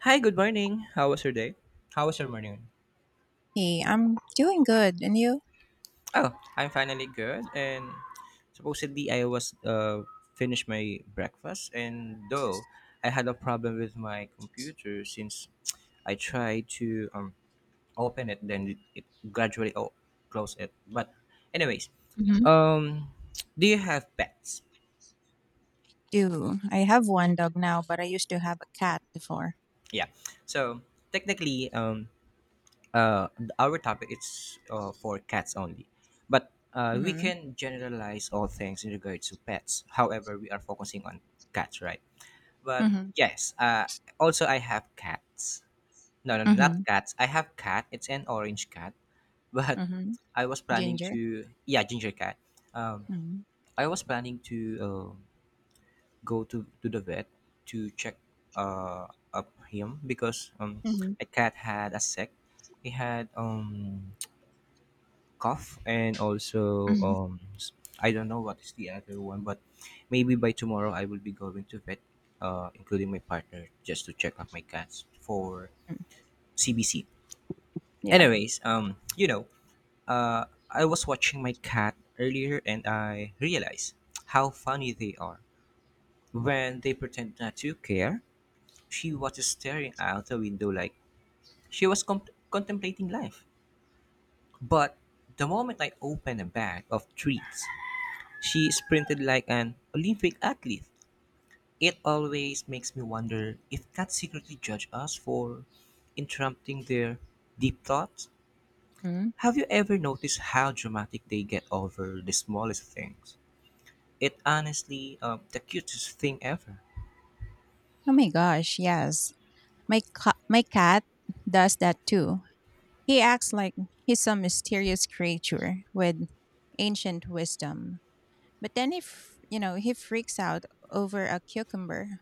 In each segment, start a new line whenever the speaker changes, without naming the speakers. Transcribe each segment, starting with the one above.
Hi, good morning. How was your day? How was your morning?
Hey, I'm doing good. And you?
Oh, I'm finally good. And supposedly, I was finished my breakfast. And though I had a problem with my computer since I tried to open it, then it gradually closed it. But, anyways,
Hmm.
um, do you have pets?
Do. I have one dog now, but I used to have a cat before.
Yeah. So technically, uh, our topic is for cats only, but we
Mm-hmm.
can generalize all things in regards to pets. However, we are focusing on cats, right? But
Mm-hmm.
yes, also I have cats. No, no,
Mm-hmm.
not cats. I have cat. It's an orange cat, but
Mm-hmm.
I was planning
Ginger.
to, yeah, ginger cat. Um,
Mm-hmm.
I was planning to uh, go to the vet to check uh up him because
Mm-hmm.
my cat had a sick. He had cough and also
Mm-hmm.
I don't know what is the other one, but maybe by tomorrow I will be going to vet, including my partner, just to check up my cats for CBC.
Yeah.
Anyways, I was watching my cat earlier and I realized how funny they are. When they pretend not to care, she was staring out the window like she was contemplating life. But the moment I opened a bag of treats, she sprinted like an Olympic athlete. It always makes me wonder if cats secretly judge us for interrupting their deep thoughts.
Mm-hmm.
Have you ever noticed how dramatic they get over the smallest things? It honestly the cutest thing ever.
Oh my gosh, yes. My cat does that too. He acts like he's some mysterious creature with ancient wisdom. But then if, you know, he freaks out over a cucumber.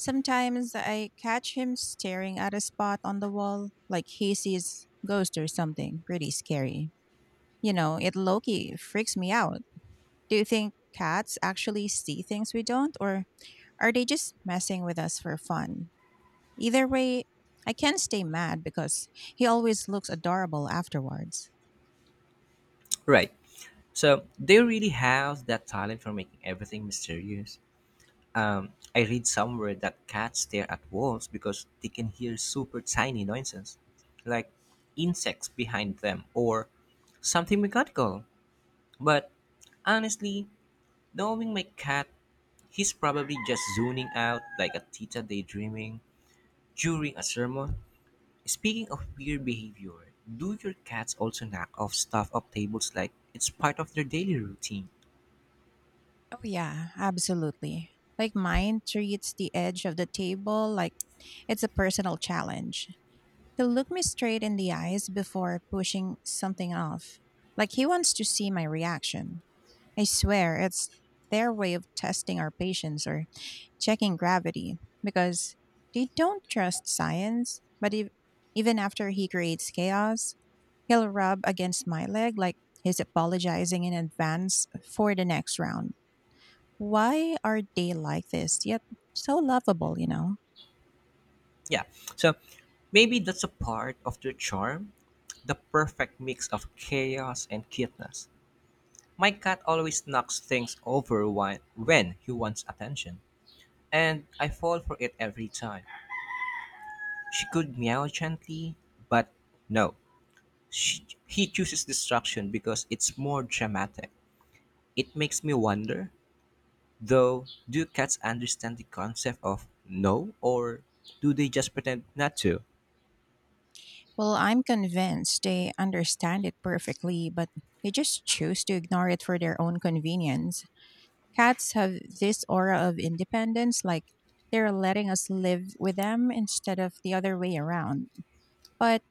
Sometimes I catch him staring at a spot on the wall like he sees ghost or something pretty scary. You know, it Loki freaks me out. Do you think cats actually see things we don't, or are they just messing with us for fun? Either way, I can't stay mad because he always looks adorable afterwards.
Right. So they really have that talent for making everything mysterious. Um, I read somewhere that cats stare at walls because they can hear super tiny noises, like insects behind them or something mechanical. But honestly, knowing my cat, he's probably just zoning out like a tita daydreaming during a sermon. Speaking of weird behavior, do your cats also knock off stuff off tables like it's part of their daily routine?
Oh, yeah, absolutely. Like mine treats the edge of the table like it's a personal challenge. He'll look me straight in the eyes before pushing something off, like he wants to see my reaction. I swear it's their way of testing our patience or checking gravity because they don't trust science. But if, even after he creates chaos, he'll rub against my leg like he's apologizing in advance for the next round. Why are they like this, yet so lovable, you know?
Yeah. So maybe that's a part of their charm, the perfect mix of chaos and cuteness. My cat always knocks things over when he wants attention, and I fall for it every time. She could meow gently, but no. He chooses distraction because it's more dramatic. It makes me wonder, though, do cats understand the concept of no, or do they just pretend not to?
Well, I'm convinced they understand it perfectly, but they just choose to ignore it for their own convenience. Cats have this aura of independence, like they're letting us live with them instead of the other way around. But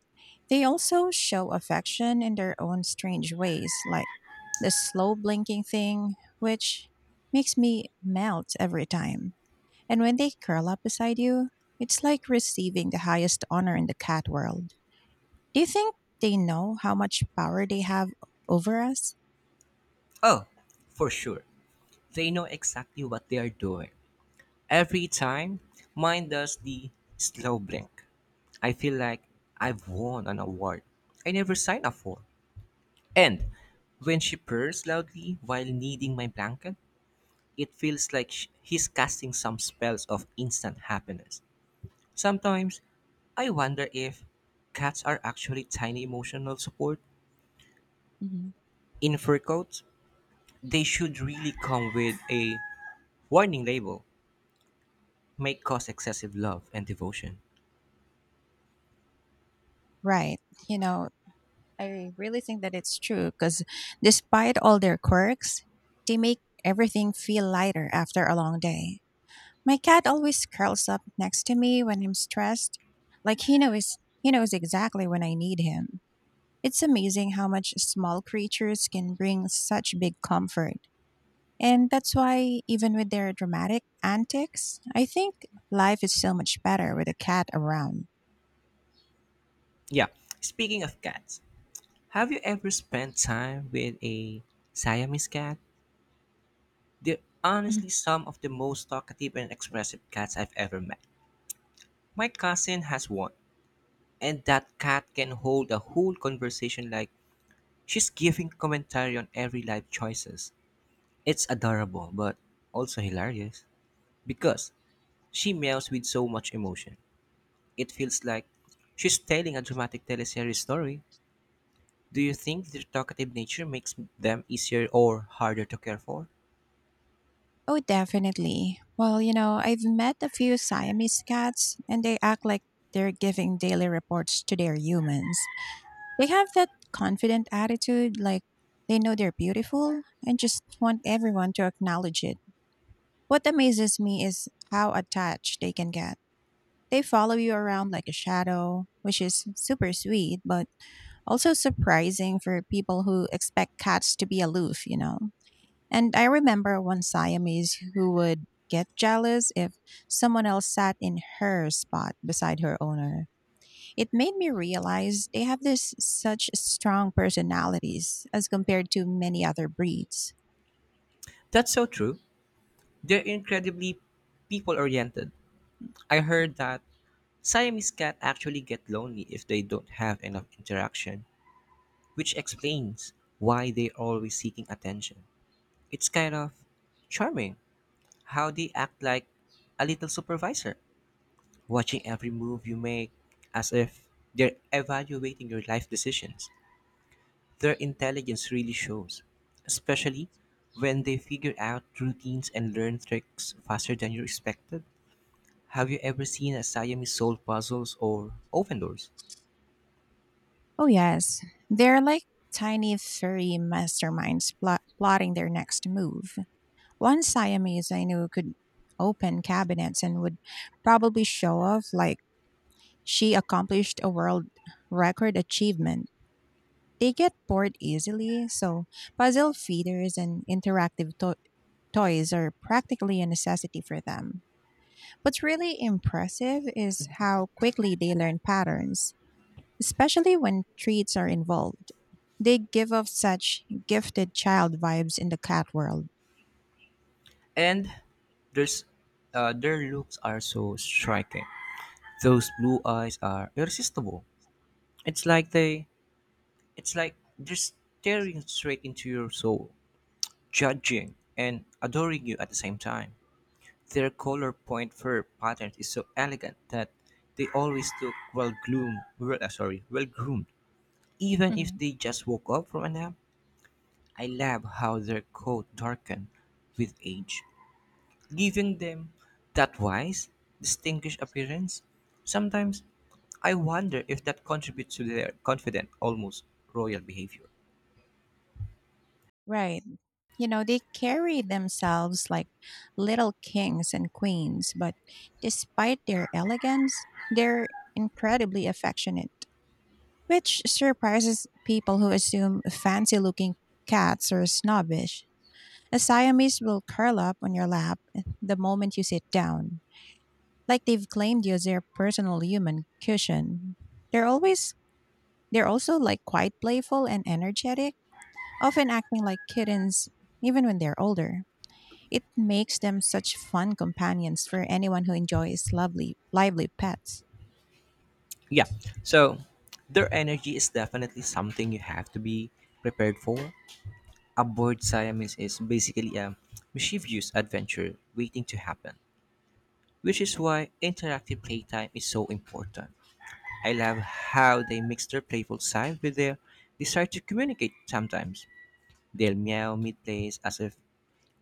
they also show affection in their own strange ways, like the slow blinking thing, which makes me melt every time. And when they curl up beside you, it's like receiving the highest honor in the cat world. Do you think they know how much power they have over us?
Oh, for sure. They know exactly what they are doing. Every time, mine does the slow blink. I feel like I've won an award I never signed up for. And when she purrs loudly while kneading my blanket, it feels like he's casting some spells of instant happiness. Sometimes, I wonder if cats are actually tiny emotional support
Mm-hmm.
in fur coats. They should really come with a warning label, may cause excessive love and devotion.
Right. You know, I really think that it's true because despite all their quirks, they make everything feel lighter after a long day. My cat always curls up next to me when I'm stressed, like he knows. He knows exactly when I need him. It's amazing how much small creatures can bring such big comfort. And that's why, even with their dramatic antics, I think life is so much better with a cat around.
Yeah. Speaking of cats, have you ever spent time with a Siamese cat? They're
Mhm.
honestly some of the most talkative and expressive cats I've ever met. My cousin has one, and that cat can hold a whole conversation like she's giving commentary on every life choices. It's adorable, but also hilarious because she meows with so much emotion. It feels like she's telling a dramatic teleseries story. Do you think their talkative nature makes them easier or harder to care for?
Oh, definitely. Well, you know, I've met a few Siamese cats and they act like they're giving daily reports to their humans. They have that confident attitude, like they know they're beautiful and just want everyone to acknowledge it. What amazes me is how attached they can get. They follow you around like a shadow, which is super sweet, but also surprising for people who expect cats to be aloof, you know? And I remember one Siamese who would get jealous if someone else sat in her spot beside her owner. It made me realize they have this such strong personalities as compared to many other breeds.
That's so true. They're incredibly people oriented. I heard that Siamese cats actually get lonely if they don't have enough interaction, which explains why they're always seeking attention. It's kind of charming how they act like a little supervisor, watching every move you make as if they're evaluating your life decisions. Their intelligence really shows, especially when they figure out routines and learn tricks faster than you expected. Have you ever seen a Siamese solve puzzles or open doors?
Oh, yes. They're like tiny furry masterminds plotting their next move. One Siamese I knew could open cabinets and would probably show off like she accomplished a world record achievement. They get bored easily, so puzzle feeders and interactive toys are practically a necessity for them. What's really impressive is how quickly they learn patterns, especially when treats are involved. They give off such gifted child vibes in the cat world.
And there's, their looks are so striking. Those blue eyes are irresistible. It's like they, it's like they're staring straight into your soul, judging and adoring you at the same time. Their color point fur pattern is so elegant that they always look well groomed. Well, sorry, well groomed. Even if
Mhm.
they just woke up from a nap, I love how their coat darken with age, giving them that wise, distinguished appearance. Sometimes I wonder if that contributes to their confident, almost royal behavior.
Right. You know, they carry themselves like little kings and queens, but despite their elegance, they're incredibly affectionate, which surprises people who assume fancy looking cats are snobbish. A Siamese will curl up on your lap the moment you sit down, like they've claimed you as their personal human cushion. They're always they're also like quite playful and energetic, often acting like kittens even when they're older. It makes them such fun companions for anyone who enjoys lovely, lively pets.
Yeah, so their energy is definitely something you have to be prepared for. A bored Siamese is basically a mischievous adventure waiting to happen, which is why interactive playtime is so important. I love how they mix their playful side with their desire to communicate sometimes. They'll meow mid plays as if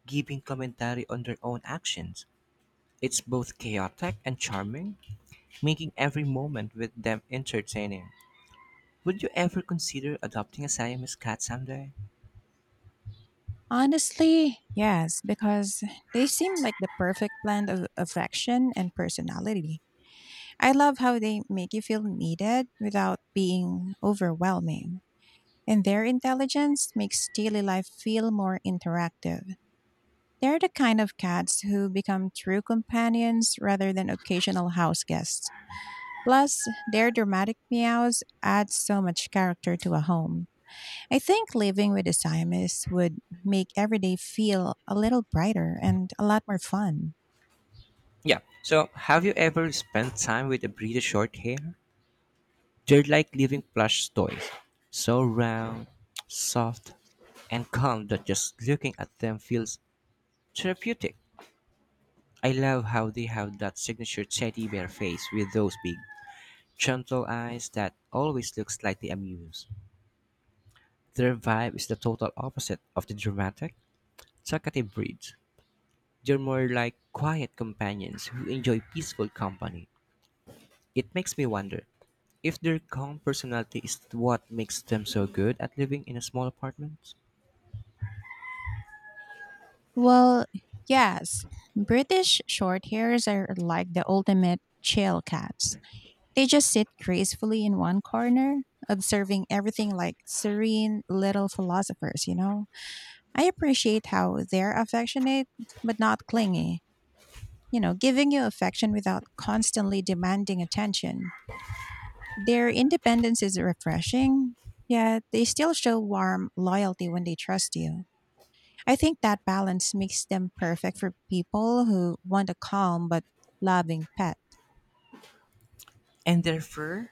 giving commentary on their own actions. It's both chaotic and charming, making every moment with them entertaining. Would you ever consider adopting a Siamese cat someday?
Honestly, yes, because they seem like the perfect blend of affection and personality. I love how they make you feel needed without being overwhelming. And their intelligence makes daily life feel more interactive. They're the kind of cats who become true companions rather than occasional house guests. Plus, their dramatic meows add so much character to a home. I think living with a Siamese would make every day feel a little brighter and a lot more fun.
Yeah. So, have you ever spent time with a British short hair? They're like living plush toys, so round, soft, and calm that just looking at them feels therapeutic. I love how they have that signature teddy bear face with those big, gentle eyes that always look slightly amused. Their vibe is the total opposite of the dramatic, talkative breeds. They're more like quiet companions who enjoy peaceful company. It makes me wonder if their calm personality is what makes them so good at living in a small apartment.
Well, yes. British shorthairs are like the ultimate chill cats. They just sit gracefully in one corner, observing everything like serene little philosophers, you know? I appreciate how they're affectionate but not clingy, you know, giving you affection without constantly demanding attention. Their independence is refreshing, yet they still show warm loyalty when they trust you. I think that balance makes them perfect for people who want a calm but loving pet.
And their fur?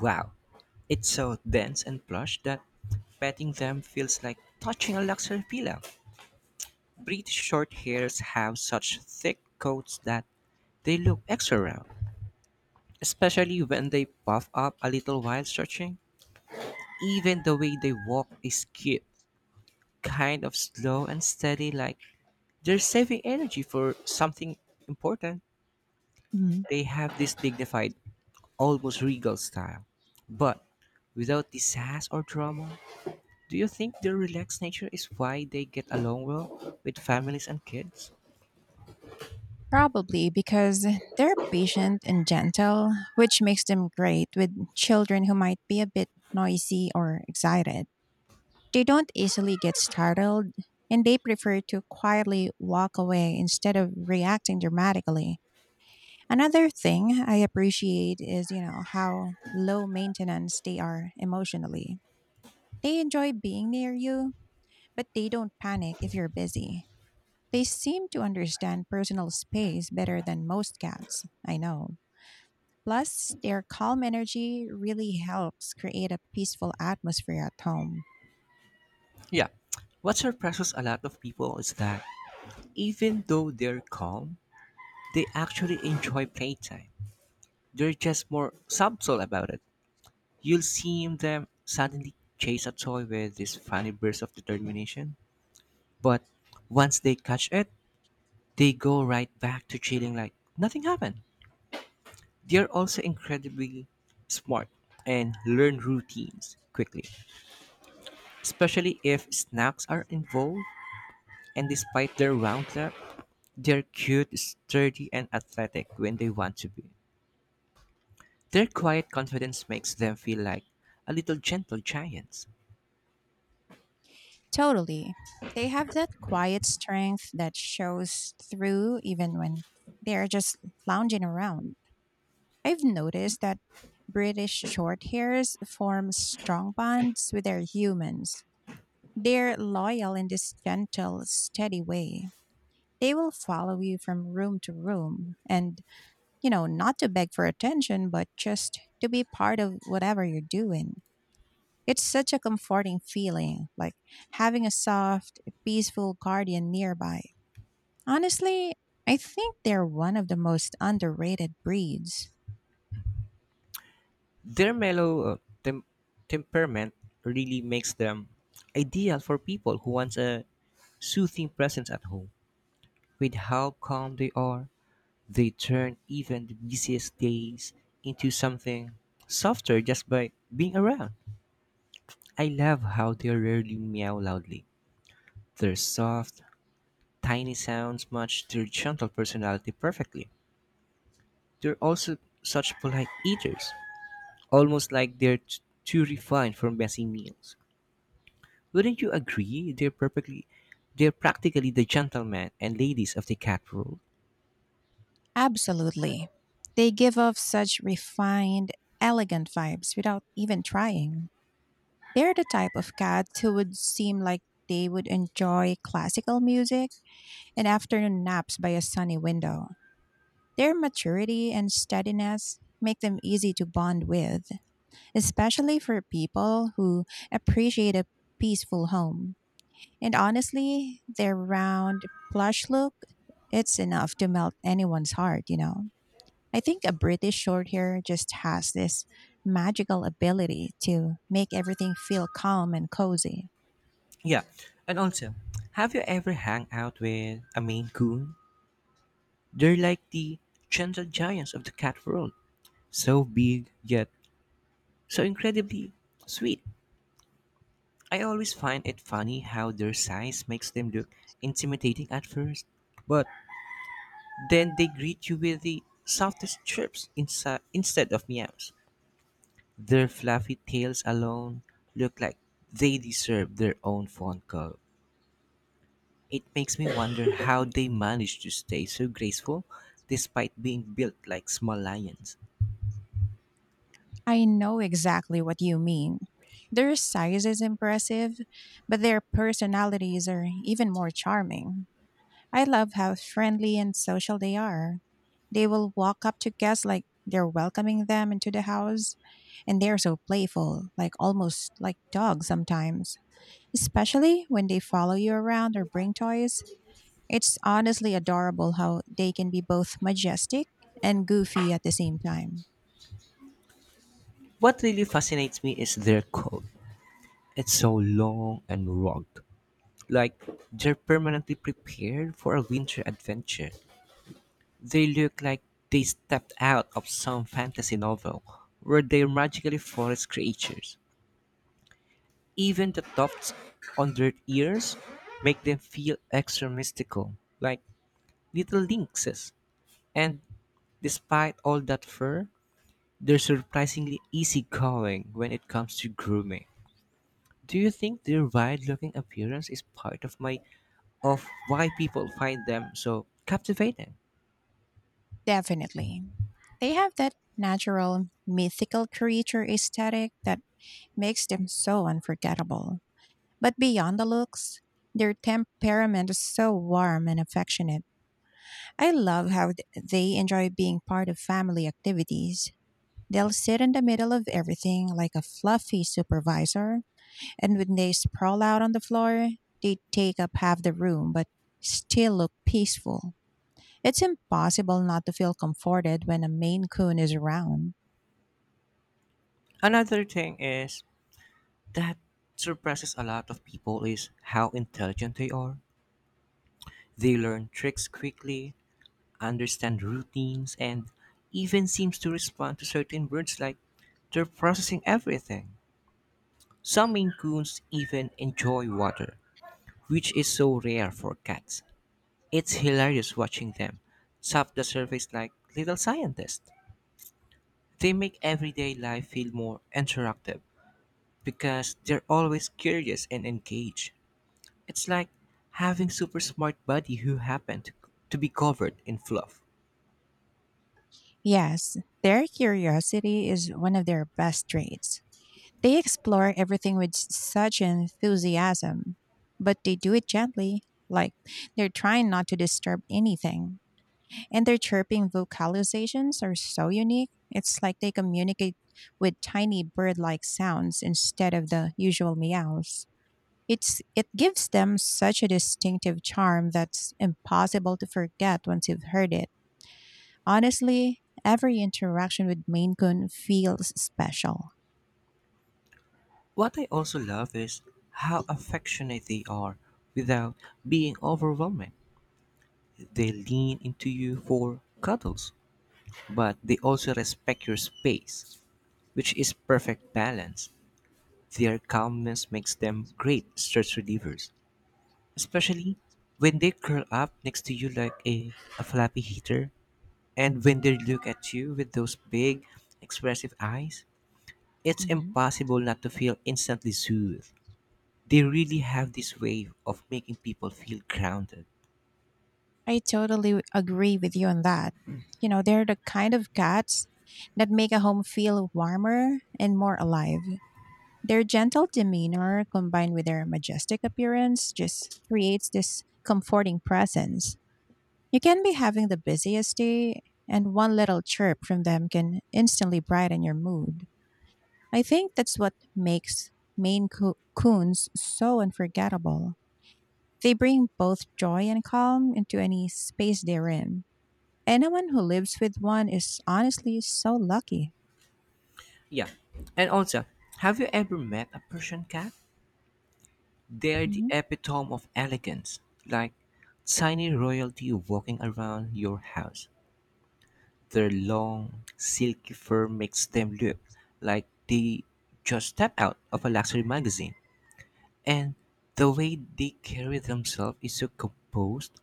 Wow, it's so dense and plush that petting them feels like touching a luxury pillow. British Shorthairs have such thick coats that they look extra round, especially when they puff up a little while stretching. Even the way they walk is cute, kind of slow and steady, like they're saving energy for something important.
Mhm.
They have this dignified, almost regal style, but without the sass or drama. Do you think their relaxed nature is why they get along well with families and kids?
Probably because they're patient and gentle, which makes them great with children who might be a bit noisy or excited. They don't easily get startled, and they prefer to quietly walk away instead of reacting dramatically. Another thing I appreciate is, you know, how low maintenance they are emotionally. They enjoy being near you, but they don't panic if you're busy. They seem to understand personal space better than most cats, I know. Plus, their calm energy really helps create a peaceful atmosphere at home.
Yeah, what surprises a lot of people is that even though they're calm, they actually enjoy playtime. They're just more subtle about it. You'll see them suddenly chase a toy with this funny burst of determination, but once they catch it, they go right back to chilling like nothing happened. They're also incredibly smart and learn routines quickly, especially if snacks are involved. And despite their round lap, they're cute, sturdy, and athletic when they want to be. Their quiet confidence makes them feel like a little gentle giants.
Totally. They have that quiet strength that shows through even when they're just lounging around. I've noticed that British shorthairs form strong bonds with their humans. They're loyal in this gentle, steady way. They will follow you from room to room, and, you know, not to beg for attention, but just to be part of whatever you're doing. It's such a comforting feeling, like having a soft, peaceful guardian nearby. Honestly, I think they're one of the most underrated breeds.
Their mellow tem- temperament really makes them ideal for people who want a soothing presence at home. With how calm they are, they turn even the busiest days into something softer just by being around. I love how they rarely meow loudly. Their soft, tiny sounds match their gentle personality perfectly. They're also such polite eaters, almost like too refined for messy meals. Wouldn't you agree? They're practically the gentlemen and ladies of the cat world.
Absolutely. They give off such refined, elegant vibes without even trying. They're the type of cat who would seem like they would enjoy classical music and afternoon naps by a sunny window. Their maturity and steadiness make them easy to bond with, especially for people who appreciate a peaceful home. And honestly, their round, plush look, it's enough to melt anyone's heart, you know. I think a British short hair just has this magical ability to make everything feel calm and cozy.
Yeah, and also, have you ever hung out with a Maine Coon? They're like the gentle giants of the cat world, so big yet so incredibly sweet. I always find it funny how their size makes them look intimidating at first, but then they greet you with the softest chirps instead of meows. Their fluffy tails alone look like they deserve their own phone call. It makes me wonder how they manage to stay so graceful despite being built like small lions.
I know exactly what you mean. Their size is impressive, but their personalities are even more charming. I love how friendly and social they are. They will walk up to guests like they're welcoming them into the house, and they're so playful, like almost like dogs sometimes, especially when they follow you around or bring toys. It's honestly adorable how they can be both majestic and goofy at the same time.
What really fascinates me is their coat. It's so long and rugged, like they're permanently prepared for a winter adventure. They look like they stepped out of some fantasy novel where they're magically forest creatures. Even the tufts on their ears make them feel extra mystical, like little lynxes. And despite all that fur, they're surprisingly easygoing when it comes to grooming. Do you think their weird-looking appearance is part of my of why people find them so captivating?
Definitely. They have that natural mythical creature aesthetic that makes them so unforgettable. But beyond the looks, their temperament is so warm and affectionate. I love how they enjoy being part of family activities. They'll sit in the middle of everything like a fluffy supervisor, and when they sprawl out on the floor, they take up half the room but still look peaceful. It's impossible not to feel comforted when a Maine Coon is around.
Another thing is that surprises a lot of people is how intelligent they are. They learn tricks quickly, understand routines, and even seems to respond to certain words like they're processing everything. Some Maine Coons even enjoy water, which is so rare for cats. It's hilarious watching them tap the surface like little scientists. They make everyday life feel more interactive because they're always curious and engaged. It's like having super smart buddy who to be covered in fluff.
Yes, their curiosity is one of their best traits. They explore everything with such enthusiasm, but they do it gently, like they're trying not to disturb anything. And their chirping vocalizations are so unique. It's like they communicate with tiny bird-like sounds instead of the usual meows. It gives them such a distinctive charm that's impossible to forget once you've heard it. Honestly, every interaction with Maine Coon feels special.
What I also love is how affectionate they are without being overwhelming. They lean into you for cuddles, but they also respect your space, which is perfect balance. Their calmness makes them great stress relievers, especially when they curl up next to you like a flappy heater. And when they look at you with those big, expressive eyes, it's
Hmm.
impossible not to feel instantly soothed. They really have this way of making people feel grounded.
I totally agree with you on that. You know, they're the kind of cats that make a home feel warmer and more alive. Their gentle demeanor combined with their majestic appearance just creates this comforting presence. You can be having the busiest day, and one little chirp from them can instantly brighten your mood. I think that's what makes Coons so unforgettable. They bring both joy and calm into any space they're in. Anyone who lives with one is honestly so lucky.
Yeah. And also, have you ever met a Persian cat? They're the
Mhm.
epitome of elegance, like tiny royalty walking around your house. Their long, silky fur makes them look like they just stepped out of a luxury magazine. And the way they carry themselves is so composed.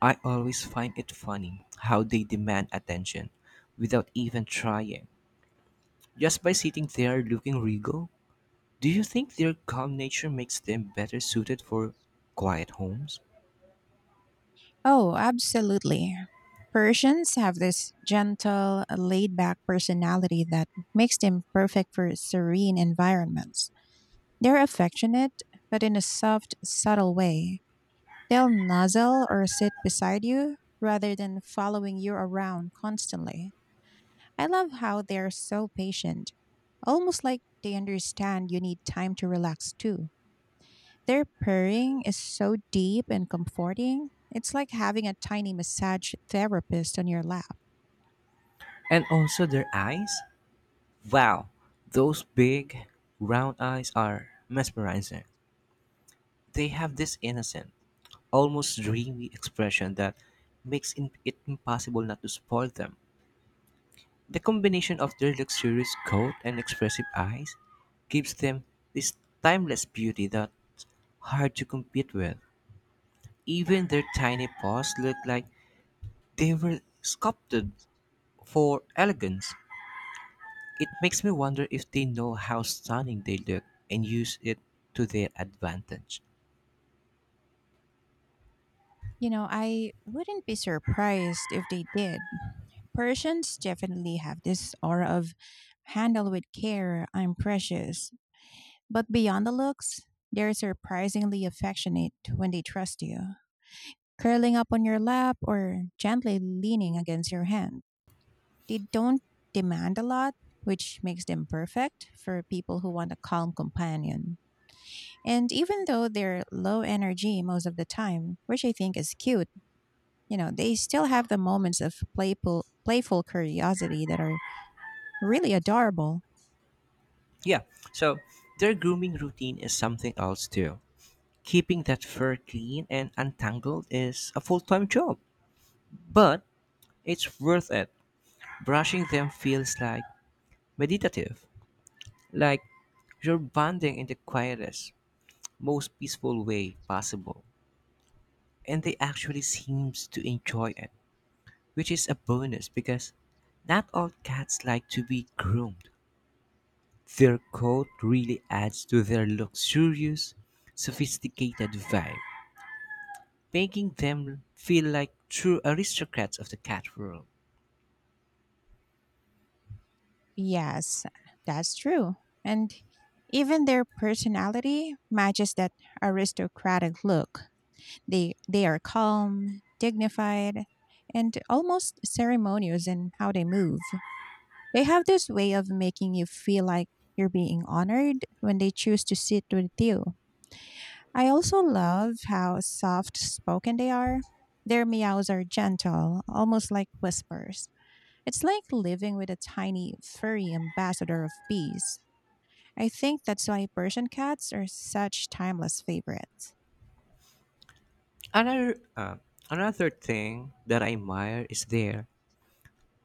I always find it funny how they demand attention without even trying. Just by sitting there looking regal, do you think their calm nature makes them better suited for quiet homes?
Oh, absolutely. Persians have this gentle, laid back personality that makes them perfect for serene environments. They're affectionate, but in a soft, subtle way. They'll nuzzle or sit beside you rather than following you around constantly. I love how they're so patient, almost like they understand you need time to relax too. Their purring is so deep and comforting. It's like having a tiny massage therapist on your lap.
And also their eyes? Wow, those big, round eyes are mesmerizing. They have this innocent, almost dreamy expression that it impossible not to spoil them. The combination of their luxurious coat and expressive eyes gives them this timeless beauty that hard to compete with. Even their tiny paws look like they were sculpted for elegance. It makes me wonder if they know how stunning they look and use it to their advantage.
You know, I wouldn't be surprised if they did. Persians definitely have this aura of handle with care, I'm precious. But beyond the looks, they're surprisingly affectionate when they trust you, curling up on your lap or gently leaning against your hand. They don't demand a lot, which makes them perfect for people who want a calm companion. And even though they're low energy most of the time, which I think is cute, you know, they still have the moments of playful curiosity that are really adorable.
Yeah, so their grooming routine is something else too. Keeping that fur clean and untangled is a full time job, but it's worth it. Brushing them feels like meditative, like you're bonding in the quietest, most peaceful way possible. And they actually seems to enjoy it, which is a bonus because not all cats like to be groomed. Their coat really adds to their luxurious, sophisticated vibe, making them feel like true aristocrats of the cat world.
Yes, that's true. And even their personality matches that aristocratic look. They are calm, dignified, and almost ceremonious in how they move. They have this way of making you feel like you're being honored when they choose to sit with you. I also love how soft spoken they are. Their meows are gentle, almost like whispers. It's like living with a tiny, furry ambassador of peace. I think that's why Persian cats are such timeless favorites.
Another, uh, Another thing that I admire is their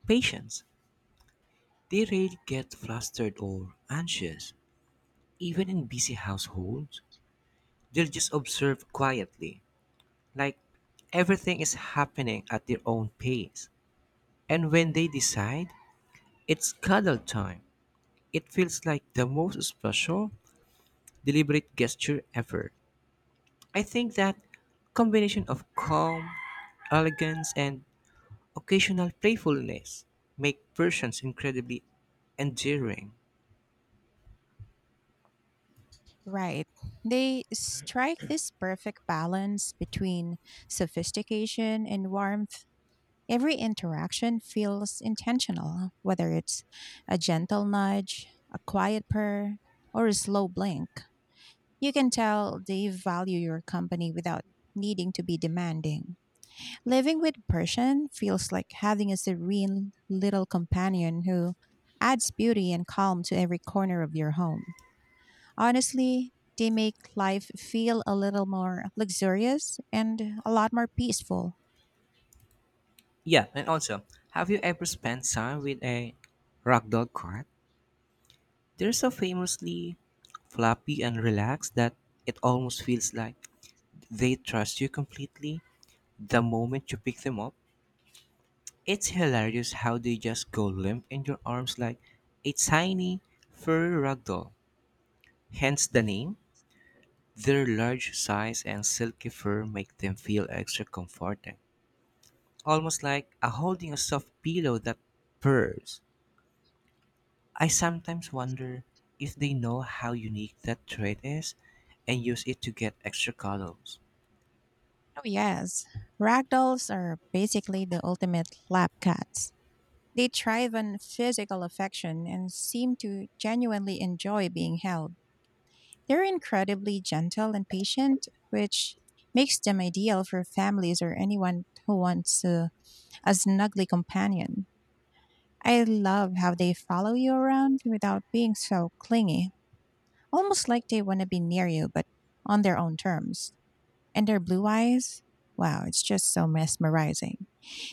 patience. They rarely get flustered or anxious. Even in busy households, they'll just observe quietly, like everything is happening at their own pace. And when they decide, it's cuddle time. It feels like the most special, deliberate gesture ever. I think that combination of calm, elegance, and occasional playfulness make persons incredibly endearing.
Right. They strike this perfect balance between sophistication and warmth. Every interaction feels intentional, whether it's a gentle nudge, a quiet purr, or a slow blink. You can tell they value your company without needing to be demanding. Living with Persian feels like having a serene little companion who adds beauty and calm to every corner of your home. Honestly, they make life feel a little more luxurious and a lot more peaceful.
Yeah, and also, have you ever spent time with a ragdoll cat? They're so famously floppy and relaxed that it almost feels like they trust you completely the moment you pick them up. It's hilarious how they just go limp in your arms like a tiny furry ragdoll. Hence the name. Their large size and silky fur make them feel extra comforting, almost like a holding a soft pillow that purrs. I sometimes wonder if they know how unique that trait is and use it to get extra cuddles.
Oh, yes. Ragdolls are basically the ultimate lap cats. They thrive on physical affection and seem to genuinely enjoy being held. They're incredibly gentle and patient, which makes them ideal for families or anyone who wants a snuggly companion. I love how they follow you around without being so clingy, almost like they want to be near you, but on their own terms. And their blue eyes, wow, it's just so mesmerizing.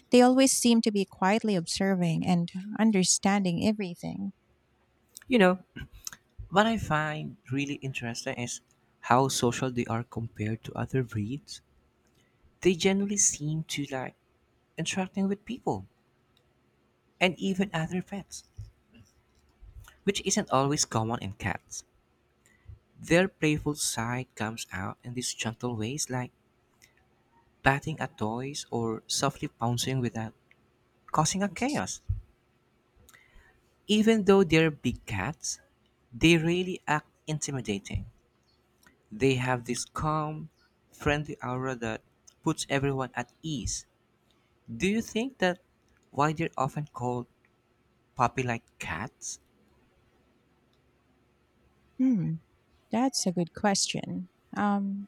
They always seem to be quietly observing and understanding everything.
You know, what I find really interesting is how social they are compared to other breeds. They generally seem to like interacting with people and even other pets, which isn't always common in cats. Their playful side comes out in these gentle ways like batting at toys or softly pouncing without causing a chaos. Even though they're big cats, they really act intimidating. They have this calm, friendly aura that puts everyone at ease. Do you think that why they're often called puppy-like cats?
Hmm, that's a good question. Um,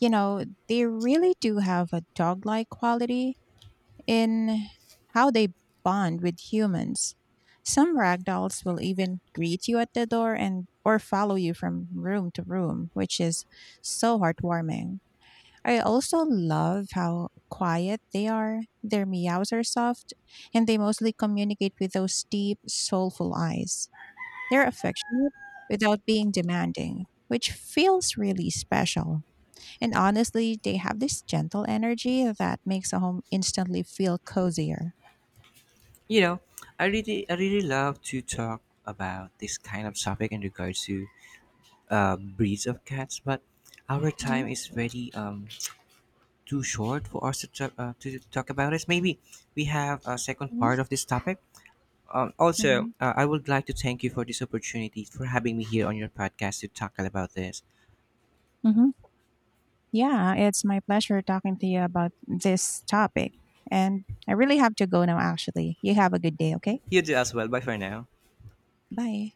you know, they really do have a dog-like quality in how they bond with humans. Some ragdolls will even greet you at the door and or follow you from room to room, which is so heartwarming. I also love how quiet they are. Their meows are soft and they mostly communicate with those deep, soulful eyes. They're affectionate without being demanding, which feels really special. And honestly, they have this gentle energy that makes a home instantly feel cozier.
You know, I really love to talk about this kind of topic in regards to breeds of cats, but our
Mhm.
time is very too short for us to talk about it. Maybe we have a second
Mhm.
part of this topic.
Mhm.
I would like to thank you for this opportunity for having me here on your podcast to talk about this.
Mhm. Yeah, it's my pleasure talking to you about this topic. And I really have to go now, actually. You have a good day, okay?
You do as well. Bye for now.
Bye.